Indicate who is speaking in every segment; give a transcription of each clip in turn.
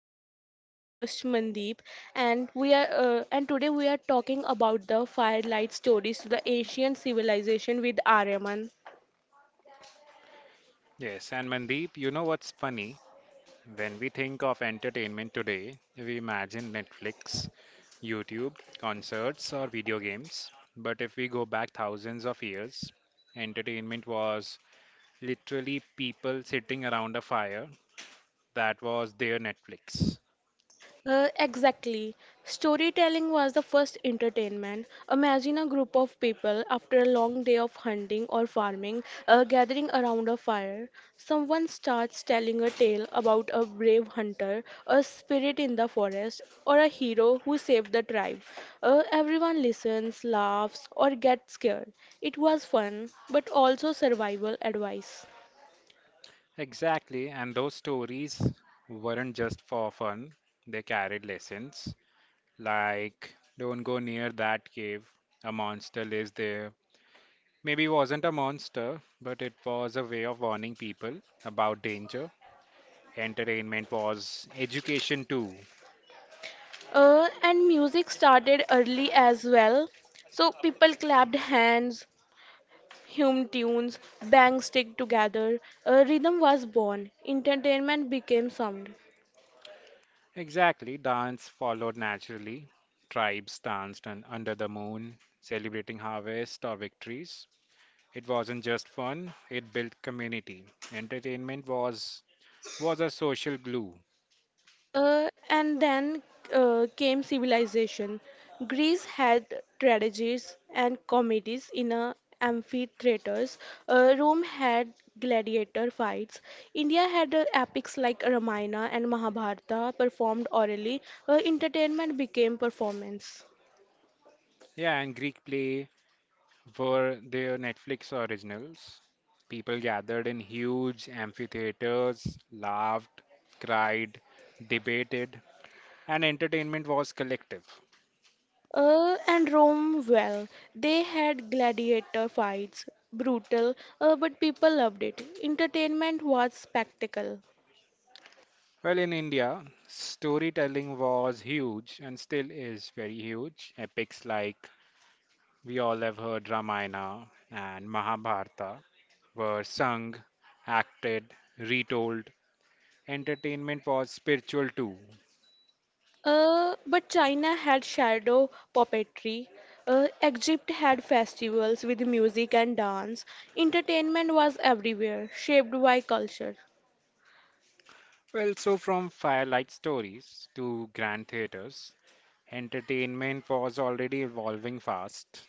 Speaker 1: podcast. I'm your host Mandeep, and we are and today we are talking about the firelight stories to the Asian civilization with Aryaman.
Speaker 2: Yes, and Mandeep, you know what's funny? When we think of entertainment today, we imagine Netflix, YouTube, concerts, or video games. But if we go back thousands of years, entertainment was literally people sitting around a fire. That was their Netflix.
Speaker 1: Exactly. Storytelling was the first entertainment. Imagine a group of people after a long day of hunting or farming, gathering around a fire. Someone starts telling a tale about a brave hunter, a spirit in the forest, or a hero who saved the tribe. Everyone listens, laughs, or gets scared. It was fun, but also survival advice.
Speaker 2: Exactly, and those stories weren't just for fun, they carried lessons like don't go near that cave, a monster lives there. Maybe it wasn't a monster, but it was a way of warning people about danger. Entertainment was education too.
Speaker 1: And music started early as well. So people clapped hands, hymn tunes, bangs stick together, a rhythm was born, entertainment became sound.
Speaker 2: Exactly, dance followed naturally. Tribes danced under the moon, celebrating harvest or victories. It wasn't just fun, it built community. Entertainment was a social glue.
Speaker 1: And then came civilization. Greece had tragedies and comedies in amphitheaters. Rome had gladiator fights. India had epics like Ramayana and Mahabharata performed orally. Entertainment became performance.
Speaker 2: Yeah, and Greek play were their Netflix originals. People gathered in huge amphitheaters, laughed, cried, debated, and entertainment was collective.
Speaker 1: And Rome, well, they had gladiator fights, brutal, but people loved it. Entertainment was spectacle.
Speaker 2: Well, in India, storytelling was huge and still is very huge. Epics like we all have heard Ramayana and Mahabharata were sung, acted, retold. Entertainment was spiritual too.
Speaker 1: But China had shadow puppetry. Egypt had festivals with music and dance. Entertainment was everywhere, shaped by culture.
Speaker 2: Well, so from firelight stories to grand theaters, entertainment was already evolving fast.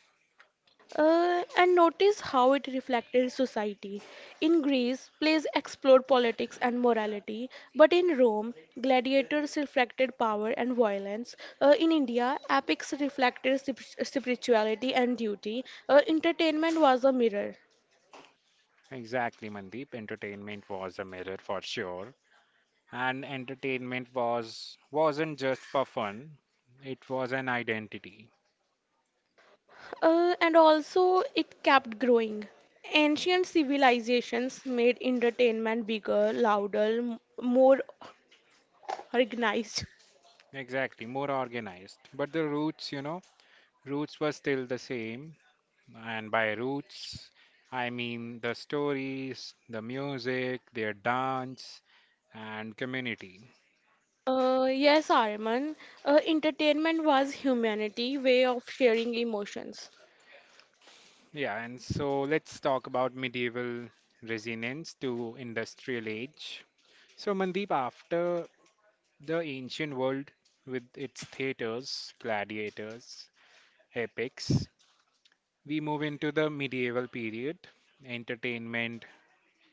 Speaker 1: And notice how it reflected society. In Greece, plays explored politics and morality, but in Rome, gladiators reflected power and violence. In India, epics reflected spirituality and duty. Entertainment was a mirror.
Speaker 2: Exactly, Mandeep. Entertainment was a mirror for sure. And entertainment was wasn't just for fun. It was an identity.
Speaker 1: And also it kept growing. Ancient civilizations made entertainment bigger, louder, more organized.
Speaker 2: Exactly, more organized. But the roots, you know, roots were still the same. And by roots, I mean the stories, the music, their dance, and community.
Speaker 1: Yes, Arman. Entertainment was humanity' way of sharing emotions.
Speaker 2: Yeah, and so let's talk about medieval resonance to industrial age. So, Mandeep, after the ancient world with its theaters, gladiators, epics, we move into the medieval period. Entertainment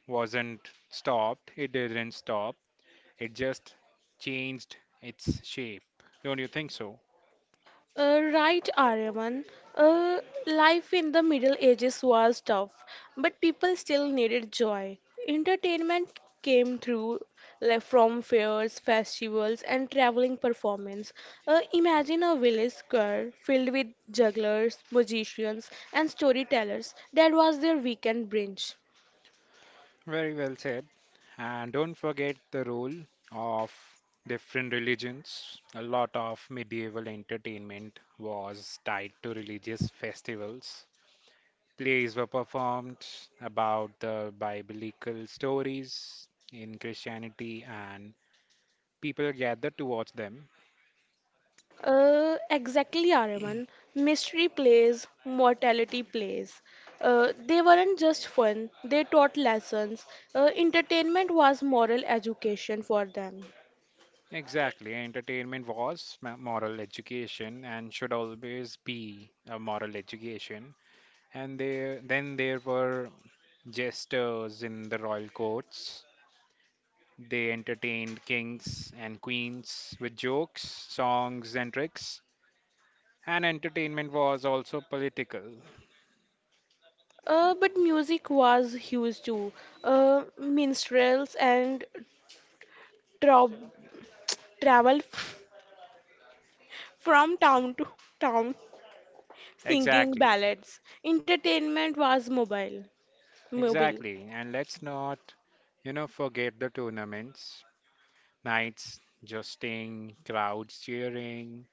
Speaker 2: wasn't stopped, it didn't stop, it just changed its shape. Don't you think so?
Speaker 1: Right, Arman. Uh, Life in the Middle Ages was tough, but people still needed joy. Entertainment came through, like, from fairs, festivals, and traveling performance. Imagine a village square filled with jugglers, magicians, and storytellers. That was their weekend brunch.
Speaker 2: Very well said. And don't forget the role of different religions. A lot of medieval entertainment was tied to religious festivals, plays were performed about the biblical stories in Christianity, and people gathered to watch them.
Speaker 1: Exactly, Araman. Mystery plays, mortality plays. They weren't just fun, they taught lessons. Entertainment was moral education for them.
Speaker 2: Exactly, entertainment was moral education and should always be a moral education. And there, then there were jesters in the royal courts. They entertained kings and queens with jokes, songs, and tricks. And entertainment was also political.
Speaker 1: But music was huge too. Minstrels and tra- travel from town to town singing
Speaker 2: Exactly.
Speaker 1: ballads. Entertainment was mobile. Mobile.
Speaker 2: Exactly. And let's not, you know, forget the tournaments, nights, jousting, crowds cheering.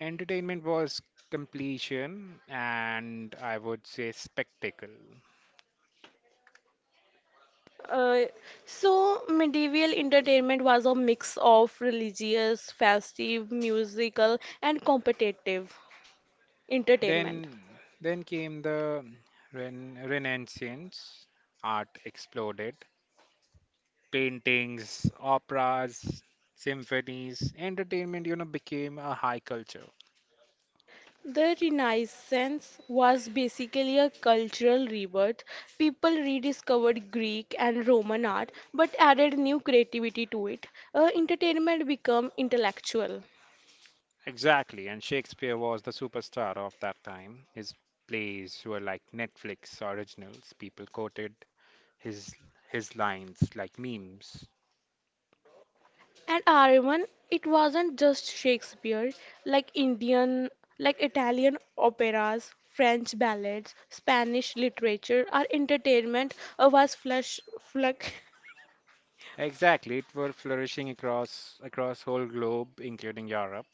Speaker 2: Entertainment was completion and I would say spectacle.
Speaker 1: Uh, so medieval entertainment was a mix of religious, festive, musical, and competitive entertainment.
Speaker 2: Then then came the Renaissance. Art exploded. Paintings, operas, symphonies, entertainment, you know, became a high culture.
Speaker 1: The Renaissance was basically a cultural rebirth. People rediscovered Greek and Roman art but added new creativity to it. Entertainment became intellectual.
Speaker 2: Exactly, and Shakespeare was the superstar of that time. His plays were like Netflix originals. People quoted his his lines like memes.
Speaker 1: And Aryaman, it wasn't just Shakespeare, like Indian, like Italian operas, French ballads, Spanish literature, our entertainment was flush, fluck,
Speaker 2: Exactly, it were flourishing across whole globe, including Europe.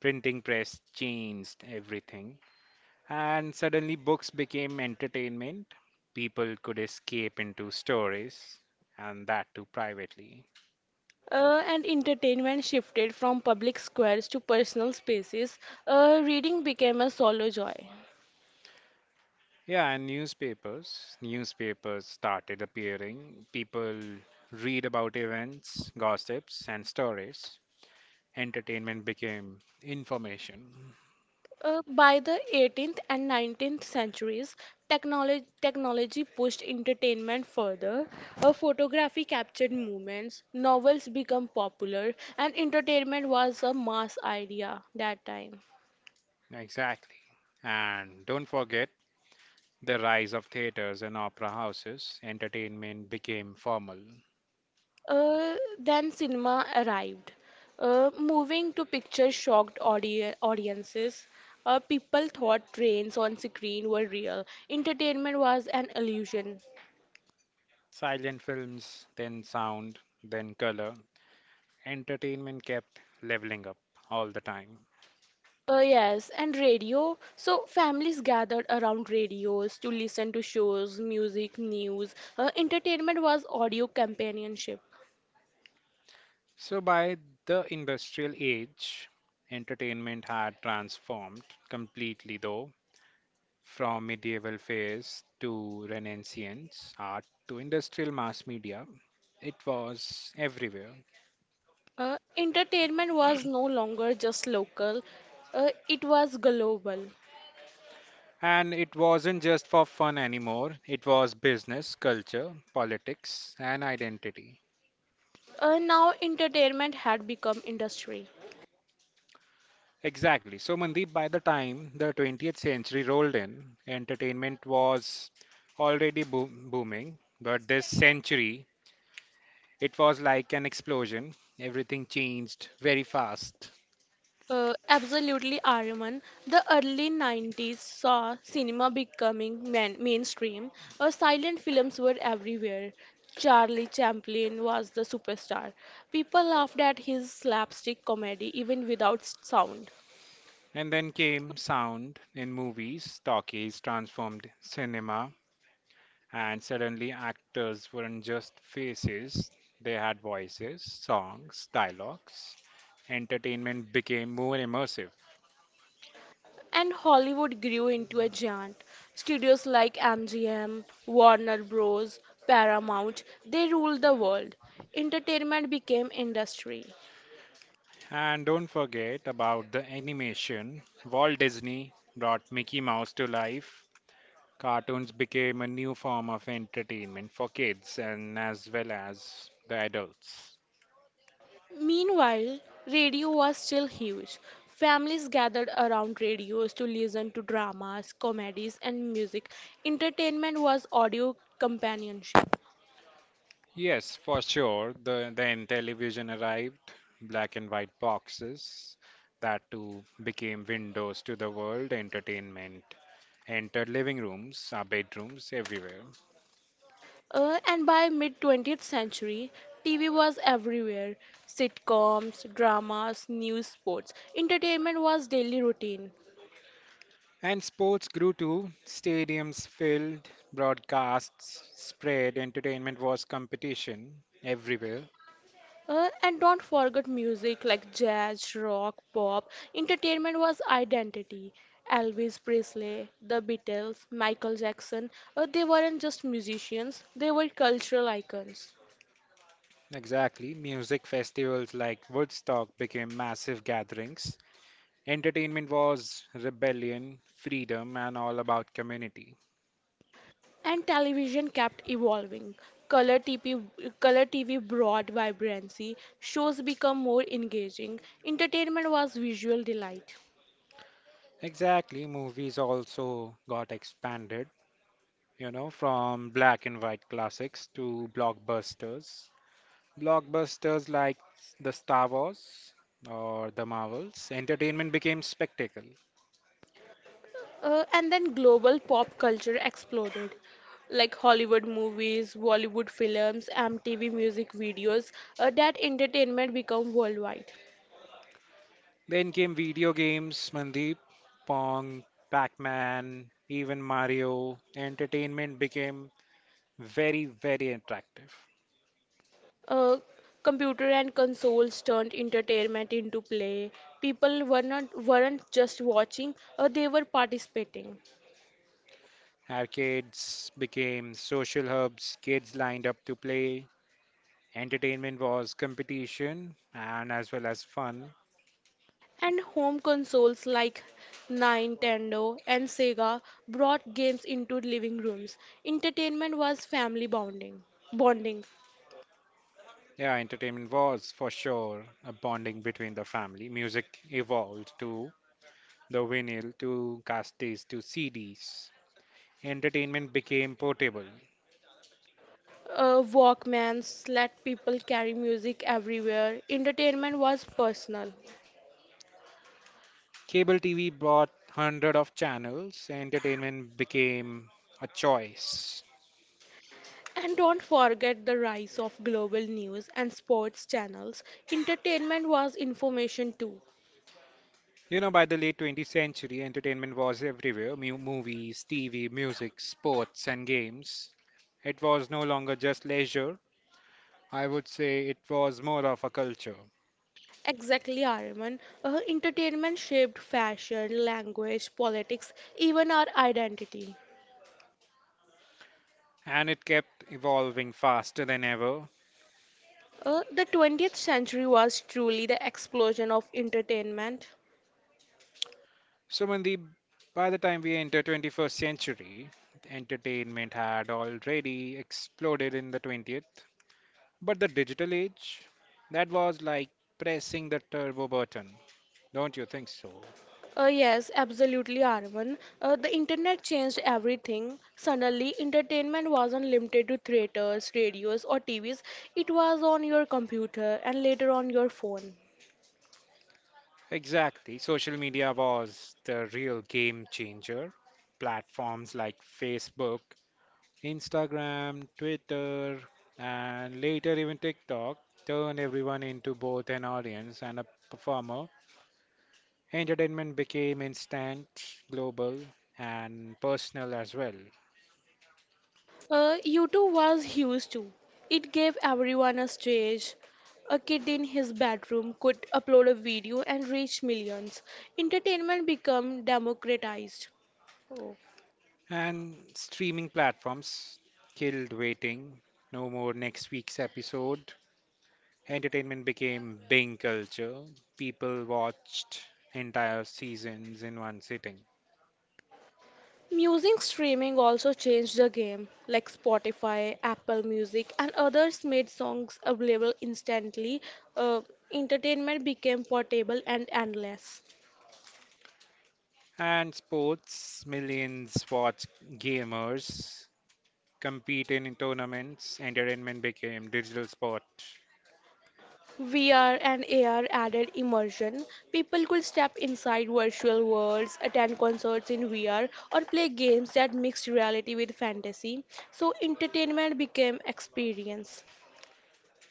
Speaker 2: Printing press changed everything, and suddenly books became entertainment. People could escape into stories, and that too privately.
Speaker 1: and entertainment shifted from public squares to personal spaces. Reading became a solo joy.
Speaker 2: Yeah, and newspapers. Newspapers started appearing. People read about events, gossips, and stories. Entertainment became information.
Speaker 1: By the 18th and 19th centuries, technology pushed entertainment further. Photography captured movements, novels became popular, and entertainment was a mass idea that time.
Speaker 2: Exactly. And don't forget the rise of theaters and opera houses. Entertainment became formal.
Speaker 1: Then cinema arrived. Moving to pictures shocked audiences. People thought trains on screen were real. Entertainment was an illusion.
Speaker 2: Silent films, then sound, then color. Entertainment kept leveling up all the time.
Speaker 1: Yes, and radio. So families gathered around radios to listen to shows, music, news. Entertainment was audio companionship.
Speaker 2: So, by the industrial age, entertainment had transformed completely, though, from medieval phase to Renaissance art to industrial mass media. It was everywhere.
Speaker 1: Entertainment was no longer just local, it was global.
Speaker 2: And it wasn't just for fun anymore, it was business, culture, politics, and identity.
Speaker 1: Now entertainment had become industry.
Speaker 2: Exactly. So, Mandeep, by the time the 20th century rolled in, entertainment was already booming, but this century it was like an explosion. Everything changed very fast.
Speaker 1: Absolutely, Arman. The early 90s saw cinema becoming mainstream. Silent films were everywhere. Charlie Chaplin was the superstar. People laughed at his slapstick comedy even without sound.
Speaker 2: And then came sound in movies, talkies transformed cinema, and suddenly actors weren't just faces, they had voices, songs, dialogues. Entertainment became more immersive.
Speaker 1: And Hollywood grew into a giant. Studios like MGM, Warner Bros., Paramount, they ruled the world. Entertainment became industry.
Speaker 2: And don't forget about the animation. Walt Disney brought Mickey Mouse to life. Cartoons became a new form of entertainment for kids and as well as the adults.
Speaker 1: Meanwhile, radio was still huge. Families gathered around radios to listen to dramas, comedies, and music. Entertainment was audio companionship.
Speaker 2: Yes, for sure. The then television arrived, black and white boxes that too became windows to the world entertainment. Entered living rooms, our bedrooms, everywhere.
Speaker 1: And by mid 20th century, TV was everywhere: sitcoms, dramas, news, sports. Entertainment was daily routine.
Speaker 2: And sports grew too. Stadiums filled, broadcasts spread, entertainment was competition everywhere.
Speaker 1: And don't forget music like jazz, rock, pop. Entertainment was identity. Elvis Presley, the Beatles, Michael Jackson, they weren't just musicians, they were cultural icons.
Speaker 2: Exactly. Music festivals like Woodstock became massive gatherings. Entertainment was rebellion, freedom, and all about community.
Speaker 1: And television kept evolving. Color TV, color TV brought vibrancy, shows become more engaging. Entertainment was visual delight.
Speaker 2: Exactly, movies also got expanded, you know, from black and white classics to blockbusters. Blockbusters like the Star Wars or the Marvels, entertainment became spectacle.
Speaker 1: And then global pop culture exploded, like Hollywood movies, Bollywood films, MTV music videos. That entertainment became worldwide.
Speaker 2: Then came video games, Mandeep, Pong, Pac-Man, even Mario. Entertainment became very, very attractive.
Speaker 1: Uh, Computer and consoles turned entertainment into play. People weren't just watching; they were participating.
Speaker 2: Arcades became social hubs, kids lined up to play, entertainment was competition and as well as fun.
Speaker 1: And home consoles like Nintendo and Sega brought games into living rooms. Entertainment was family bonding. Bonding.
Speaker 2: Yeah, entertainment was for sure a bonding between the family. Music evolved to the vinyl, to cassettes, to CDs. Entertainment became portable.
Speaker 1: Walkmans let people carry music everywhere. Entertainment was personal.
Speaker 2: Cable TV brought hundred of channels. Entertainment became a choice.
Speaker 1: And don't forget the rise of global news and sports channels. Entertainment was information too.
Speaker 2: You know, by the late 20th century, entertainment was everywhere movies, TV, music, sports, and games. It was no longer just leisure, I would say it was more of a culture,
Speaker 1: Exactly, Arman. Entertainment shaped fashion, language, politics, even our identity.
Speaker 2: and it kept evolving faster than ever.
Speaker 1: The 20th century was truly the explosion of entertainment.
Speaker 2: So when the by the time we enter 21st century, entertainment had already exploded in the 20th. But the digital age, that was like pressing the turbo button. Don't you think so?
Speaker 1: Yes, absolutely, Arvan. The internet changed everything. Suddenly, entertainment wasn't limited to theaters, radios, or TVs. It was on your computer and later on your phone.
Speaker 2: Exactly. Social media was the real game changer. Platforms like Facebook, Instagram, Twitter, and later even TikTok turned everyone into both an audience and a performer. Entertainment became instant, global, and personal as well.
Speaker 1: YouTube was huge too. It gave everyone a stage. A kid in his bedroom could upload a video and reach millions. Entertainment became democratized.
Speaker 2: And streaming platforms killed waiting. No more next week's episode. Entertainment became Bing culture. People watched entire seasons in one sitting.
Speaker 1: Music streaming also changed the game, like Spotify, Apple Music, and others made songs available instantly. Uh, Entertainment became portable and endless.
Speaker 2: And sports, millions watch gamers compete in tournaments, entertainment became digital sport.
Speaker 1: VR and AR added immersion. People could step inside virtual worlds, attend concerts in VR, or play games that mixed reality with fantasy. So entertainment became experience.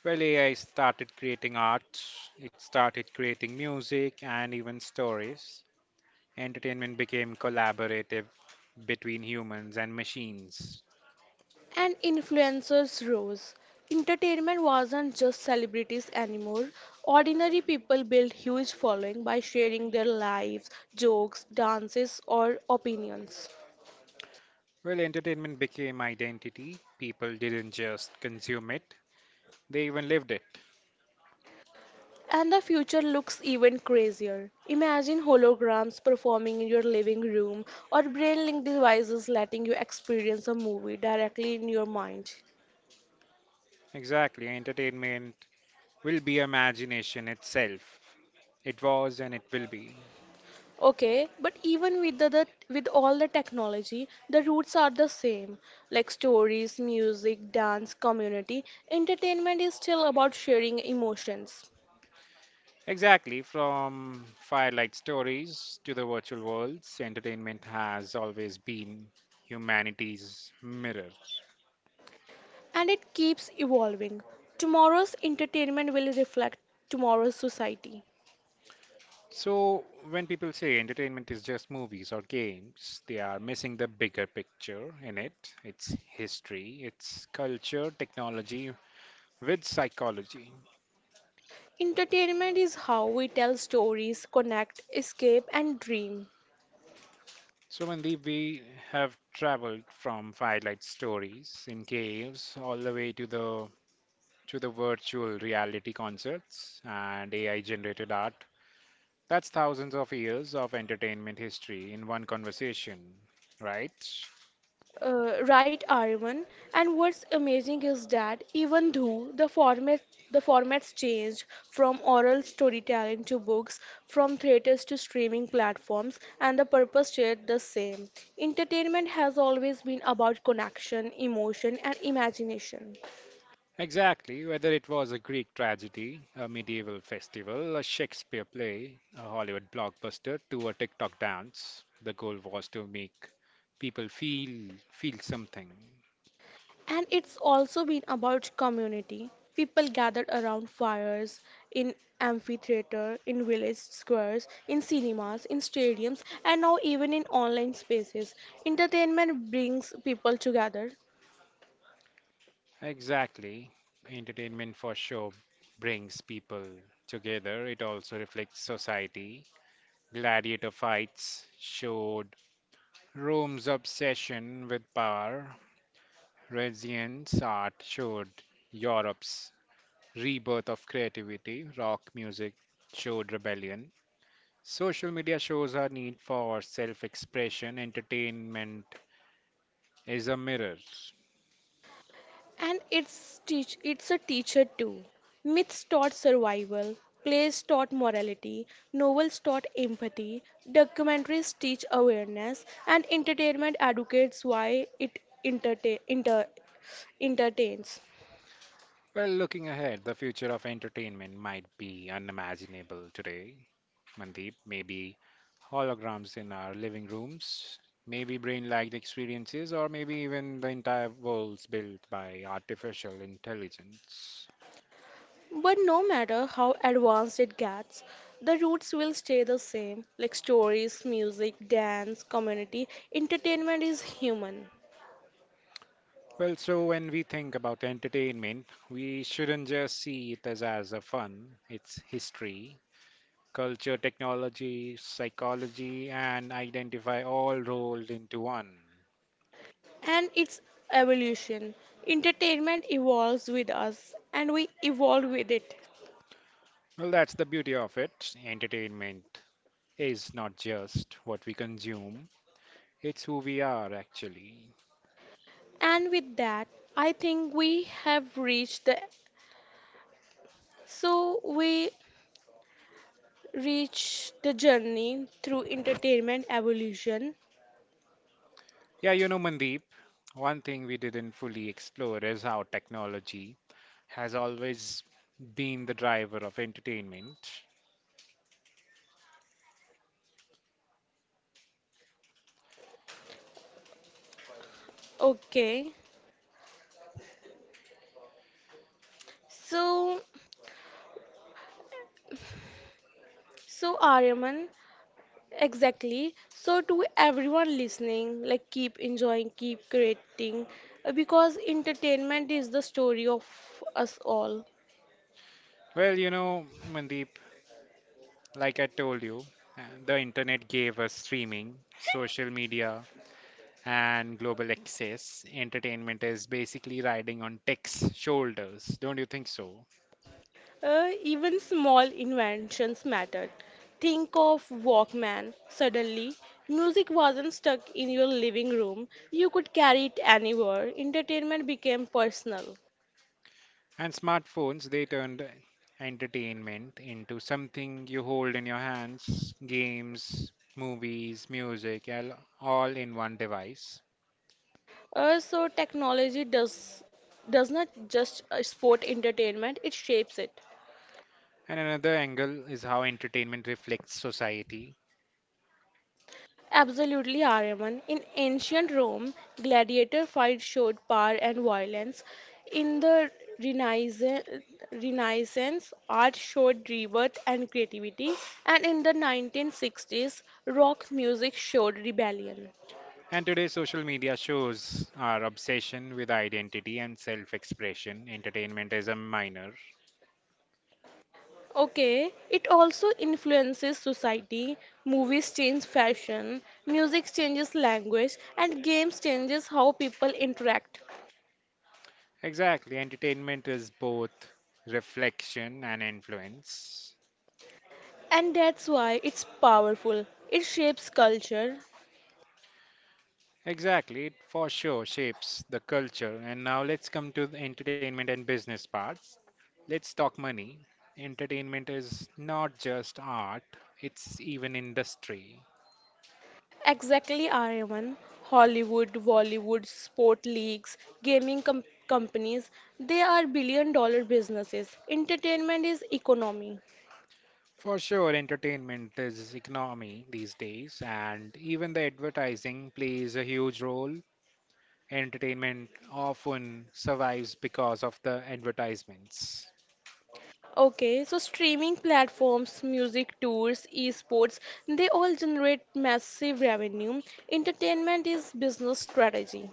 Speaker 2: Well, AI started creating art, it started creating music and even stories. Entertainment became collaborative between humans and machines.
Speaker 1: And influencers rose. Entertainment wasn't just celebrities anymore. Ordinary people built huge following by sharing their lives, jokes, dances, or opinions.
Speaker 2: Well, entertainment became identity. People didn't just consume it, they even lived it.
Speaker 1: And the future looks even crazier. Imagine holograms performing in your living room or brain link devices letting you experience a movie directly in your mind.
Speaker 2: Exactly, entertainment will be imagination itself. It was and it will be.
Speaker 1: Okay, but even with the with all the technology, the roots are the same. Like stories, music, dance, community, entertainment is still about sharing emotions.
Speaker 2: Exactly, from firelight stories to the virtual worlds, entertainment has always been humanity's mirror.
Speaker 1: And it keeps evolving. Tomorrow's entertainment will reflect tomorrow's society.
Speaker 2: So, when people say entertainment is just movies or games, they are missing the bigger picture in it. It's history, it's culture, technology, with psychology.
Speaker 1: Entertainment is how we tell stories, connect, escape, and dream.
Speaker 2: So, Mandeep, we have traveled from firelight stories in caves all the way to the virtual reality concerts and AI generated art. That's thousands of years of entertainment history in one conversation, right?
Speaker 1: Right, Aryan. And what's amazing is that even though the formats changed from oral storytelling to books, from theaters to streaming platforms, and the purpose stayed the same. Entertainment has always been about connection, emotion, and imagination.
Speaker 2: Exactly, whether it was a Greek tragedy, a medieval festival, a Shakespeare play, a Hollywood blockbuster, to a TikTok dance, the goal was to make people feel something.
Speaker 1: And it's also been about community. People gathered around fires, in amphitheater, in village squares, in cinemas, in stadiums, and now even in online spaces. Entertainment brings people together,
Speaker 2: Exactly. Entertainment for sure brings people together. It also reflects society. Gladiator fights showed Rome's obsession with power, Renaissance art showed Europe's rebirth of creativity, rock music showed rebellion. Social media shows our need for self expression. Entertainment is a mirror.
Speaker 1: and it's a teacher too. Myths taught survival, plays taught morality, novels taught empathy, documentaries teach awareness, and entertainment educates why it entertain, inter, entertains.
Speaker 2: Well, looking ahead, the future of entertainment might be unimaginable today, Mandeep. Maybe holograms in our living rooms, maybe brain like experiences, or maybe even the entire worlds built by artificial intelligence.
Speaker 1: But no matter how advanced it gets, the roots will stay the same, like stories, music, dance, community. Entertainment is human
Speaker 2: Well, so when we think about entertainment, we shouldn't just see it as, a fun. It's history, culture, technology, psychology, and identify all rolled into one.
Speaker 1: and its evolution. Entertainment evolves with us and we evolve with it.
Speaker 2: Well, that's the beauty of it. Entertainment is not just what we consume, it's who we are actually.
Speaker 1: And with that, I think we reach the journey through entertainment evolution.
Speaker 2: Yeah, you know, Mandeep, one thing we didn't fully explore is how technology has always been the driver of entertainment.
Speaker 1: Okay. So so Aryaman, exactly. So, to everyone listening, like keep enjoying, keep creating, because entertainment is the story of us all.
Speaker 2: Well, you know, Mandeep, like I told you, the internet gave us streaming, social media, and global access. Entertainment is basically riding on tech's shoulders, don't you think so?
Speaker 1: Even small inventions mattered. Think of Walkman. Suddenly, music wasn't stuck in your living room, you could carry it anywhere. Entertainment became personal.
Speaker 2: And smartphones, they turned entertainment into something you hold in your hands, games, movies, music, all in one device.
Speaker 1: So, technology does not just sport entertainment, it shapes it.
Speaker 2: And another angle is how entertainment reflects society.
Speaker 1: Absolutely, Aryaman. In ancient Rome, gladiator fights showed power and violence. In the Renaissance, Renaissance, art showed rebirth and creativity. And in the 1960s, rock music showed rebellion.
Speaker 2: And today, social media shows our obsession with identity and self expression. Entertainment is a minor.
Speaker 1: Okay, it also influences society. Movies change fashion, music changes language, and games changes how people interact.
Speaker 2: Exactly, entertainment is both reflection and influence.
Speaker 1: And that's why it's powerful. It shapes culture.
Speaker 2: Exactly, it for sure shapes the culture. And now let's come to the entertainment and business parts. Let's talk money. Entertainment is not just art, it's even industry.
Speaker 1: Exactly, Aryaman. Hollywood, Bollywood, sport leagues, gaming companies, they are billion-dollar businesses. Entertainment is economy.
Speaker 2: For sure, entertainment is economy these days, and even the advertising plays a huge role. Entertainment often survives because of the advertisements,
Speaker 1: Okay, so streaming platforms, music tours, esports, they all generate massive revenue. Entertainment is business strategy.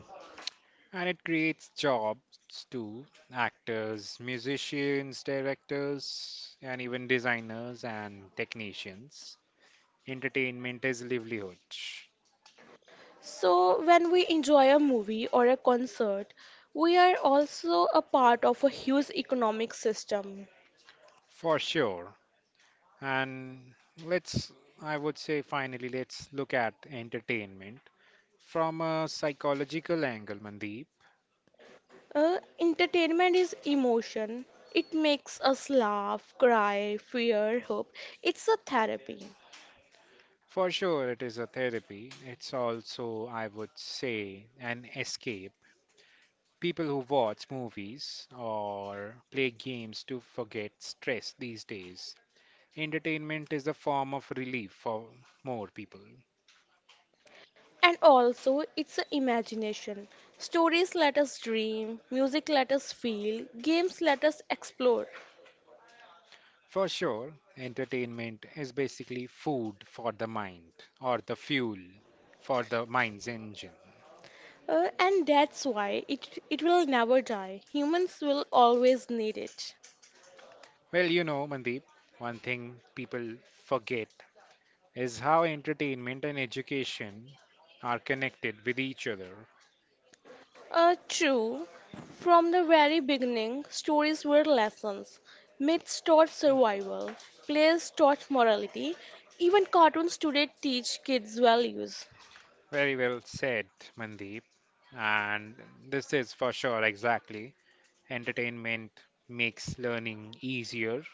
Speaker 2: and it creates jobs too, actors, musicians, directors, and even designers and technicians. Entertainment is livelihood,
Speaker 1: So when we enjoy a movie or a concert, we are also a part of a huge economic system.
Speaker 2: for sure. And let's, I would say, finally, let's look at entertainment from a psychological angle, Mandeep,
Speaker 1: Entertainment is emotion. It makes us laugh, cry, fear, hope. It's a therapy.
Speaker 2: for sure it is a therapy. It's also, I would say, an escape. People who watch movies or play games to forget stress these days. Entertainment is a form of relief for more people.
Speaker 1: And also, it's a imagination. Stories let us dream, music let us feel, games let us explore.
Speaker 2: For sure, entertainment is basically food for the mind or the fuel for the mind's engine.
Speaker 1: And that's why it will never die. Humans will always need it.
Speaker 2: Well, you know, Mandeep, one thing people forget is how entertainment and education are connected with each other.
Speaker 1: True. From the very beginning, stories were lessons. Myths taught survival, plays taught morality, even cartoons today teach kids values.
Speaker 2: Very well said, Mandeep. And this is for sure exactly. Entertainment makes learning easier.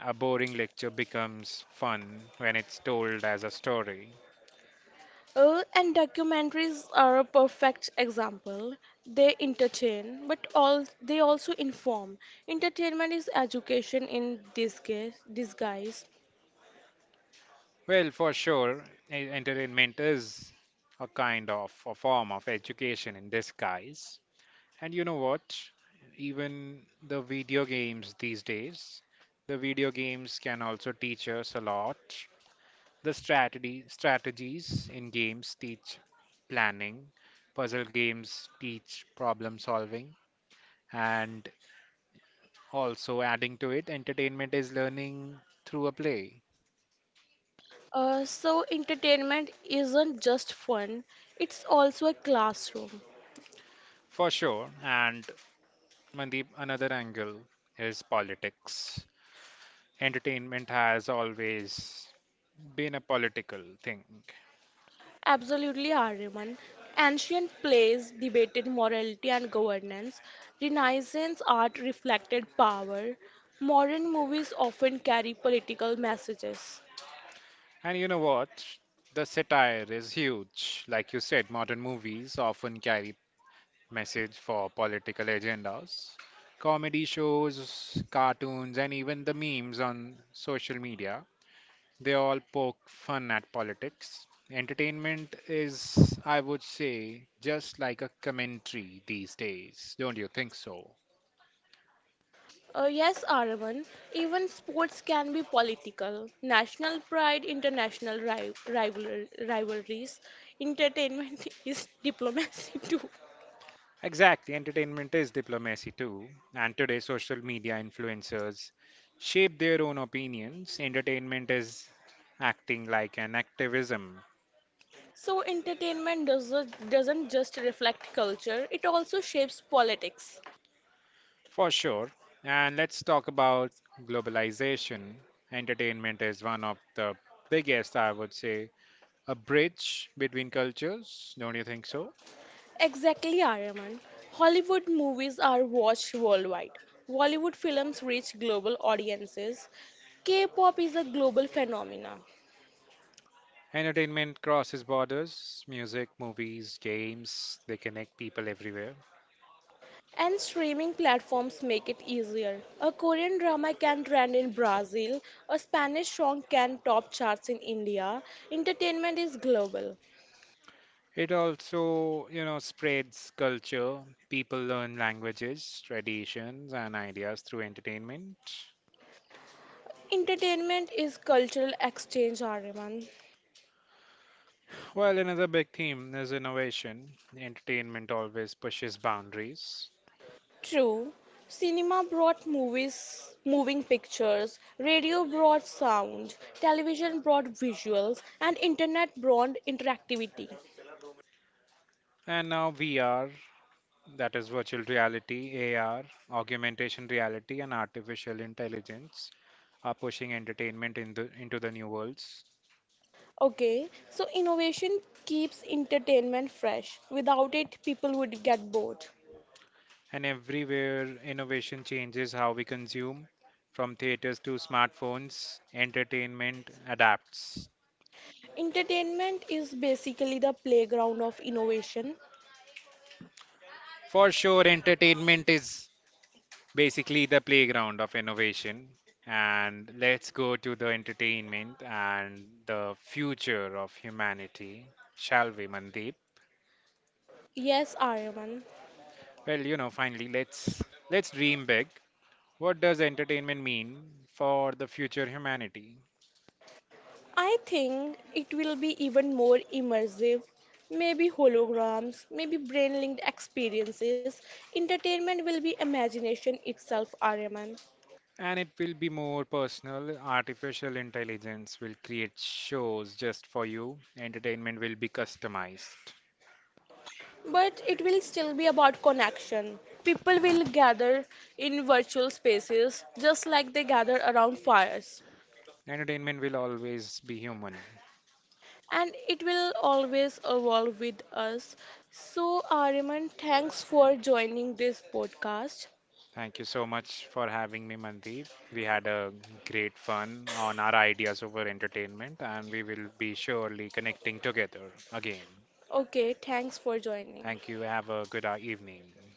Speaker 2: A boring lecture becomes fun when it's told as a story.
Speaker 1: And documentaries are a perfect example. They entertain, but all they also inform. Entertainment is education in disguise. Disguise.
Speaker 2: Well, for sure, entertainment is a kind of a form of education in disguise. And you know what? Even the video games these days, the video games can also teach us a lot. The strategy strategies in games teach planning, puzzle games teach problem solving, and also adding to it, entertainment is learning through a play.
Speaker 1: So entertainment isn't just fun; it's also a classroom.
Speaker 2: For sure, and Mandeep, another angle is politics. Entertainment has always been a political thing.
Speaker 1: Absolutely, Aryaman. Ancient plays debated morality and governance. Renaissance art reflected power. Modern movies often carry political messages.
Speaker 2: And you know what? The satire is huge. Like you said, modern movies often carry message for political agendas. Comedy shows, cartoons, and even the memes on social media, they all poke fun at politics. Entertainment is, I would say, just like a commentary these days. Don't you think so?
Speaker 1: Yes, Aryaman, even sports can be political. National pride, international rivalries. Entertainment is diplomacy too.
Speaker 2: Exactly, entertainment is diplomacy too, and today social media influencers shape their own opinions. Entertainment is acting like an activism
Speaker 1: So entertainment doesn't just reflect culture, it also shapes politics.
Speaker 2: for sure. And let's talk about globalization. Entertainment is one of the biggest, I would say, a bridge between cultures. Don't you think so?
Speaker 1: Exactly, Aryaman. Hollywood movies are watched worldwide. Bollywood films reach global audiences. K-pop is a global phenomenon.
Speaker 2: Entertainment crosses borders, music, movies, games, they connect people everywhere.
Speaker 1: And streaming platforms make it easier. A Korean drama can trend in Brazil, a Spanish song can top charts in India. Entertainment is global.
Speaker 2: It also, you know, spreads culture. People learn languages, traditions, and ideas through entertainment.
Speaker 1: Entertainment is cultural exchange, Aryaman.
Speaker 2: Well, another big theme is innovation. Entertainment always pushes boundaries.
Speaker 1: True, cinema brought movies, moving pictures, radio brought sound, television brought visuals, and internet brought interactivity.
Speaker 2: And now VR, that is virtual reality, AR, augmentation reality, and artificial intelligence are pushing entertainment in the, into the new worlds.
Speaker 1: Okay, so innovation keeps entertainment fresh. Without it, people would get bored.
Speaker 2: And everywhere, innovation changes how we consume, from theaters to smartphones, entertainment adapts.
Speaker 1: Entertainment is basically the playground of innovation.
Speaker 2: For sure, entertainment is basically the playground of innovation. And let's go to the entertainment and the future of humanity, shall we, Mandeep?
Speaker 1: Yes, Aryaman.
Speaker 2: Well, you know, finally, let's dream big. What does entertainment mean for the future humanity?
Speaker 1: I think it will be even more immersive. Maybe holograms, maybe brain linked experiences. Entertainment will be imagination itself, RMN.
Speaker 2: And it will be more personal. Artificial intelligence will create shows just for you. Entertainment will be customized.
Speaker 1: But it will still be about connection. People will gather in virtual spaces just like they gather around fires.
Speaker 2: Entertainment will always be human.
Speaker 1: And it will always evolve with us. So, Ariman, thanks for joining this podcast.
Speaker 2: Thank you so much for having me, Mandeep. We had a great fun on our ideas over entertainment, and we will be surely connecting together again.
Speaker 1: Okay, thanks for joining.
Speaker 2: Thank you. Have a good evening.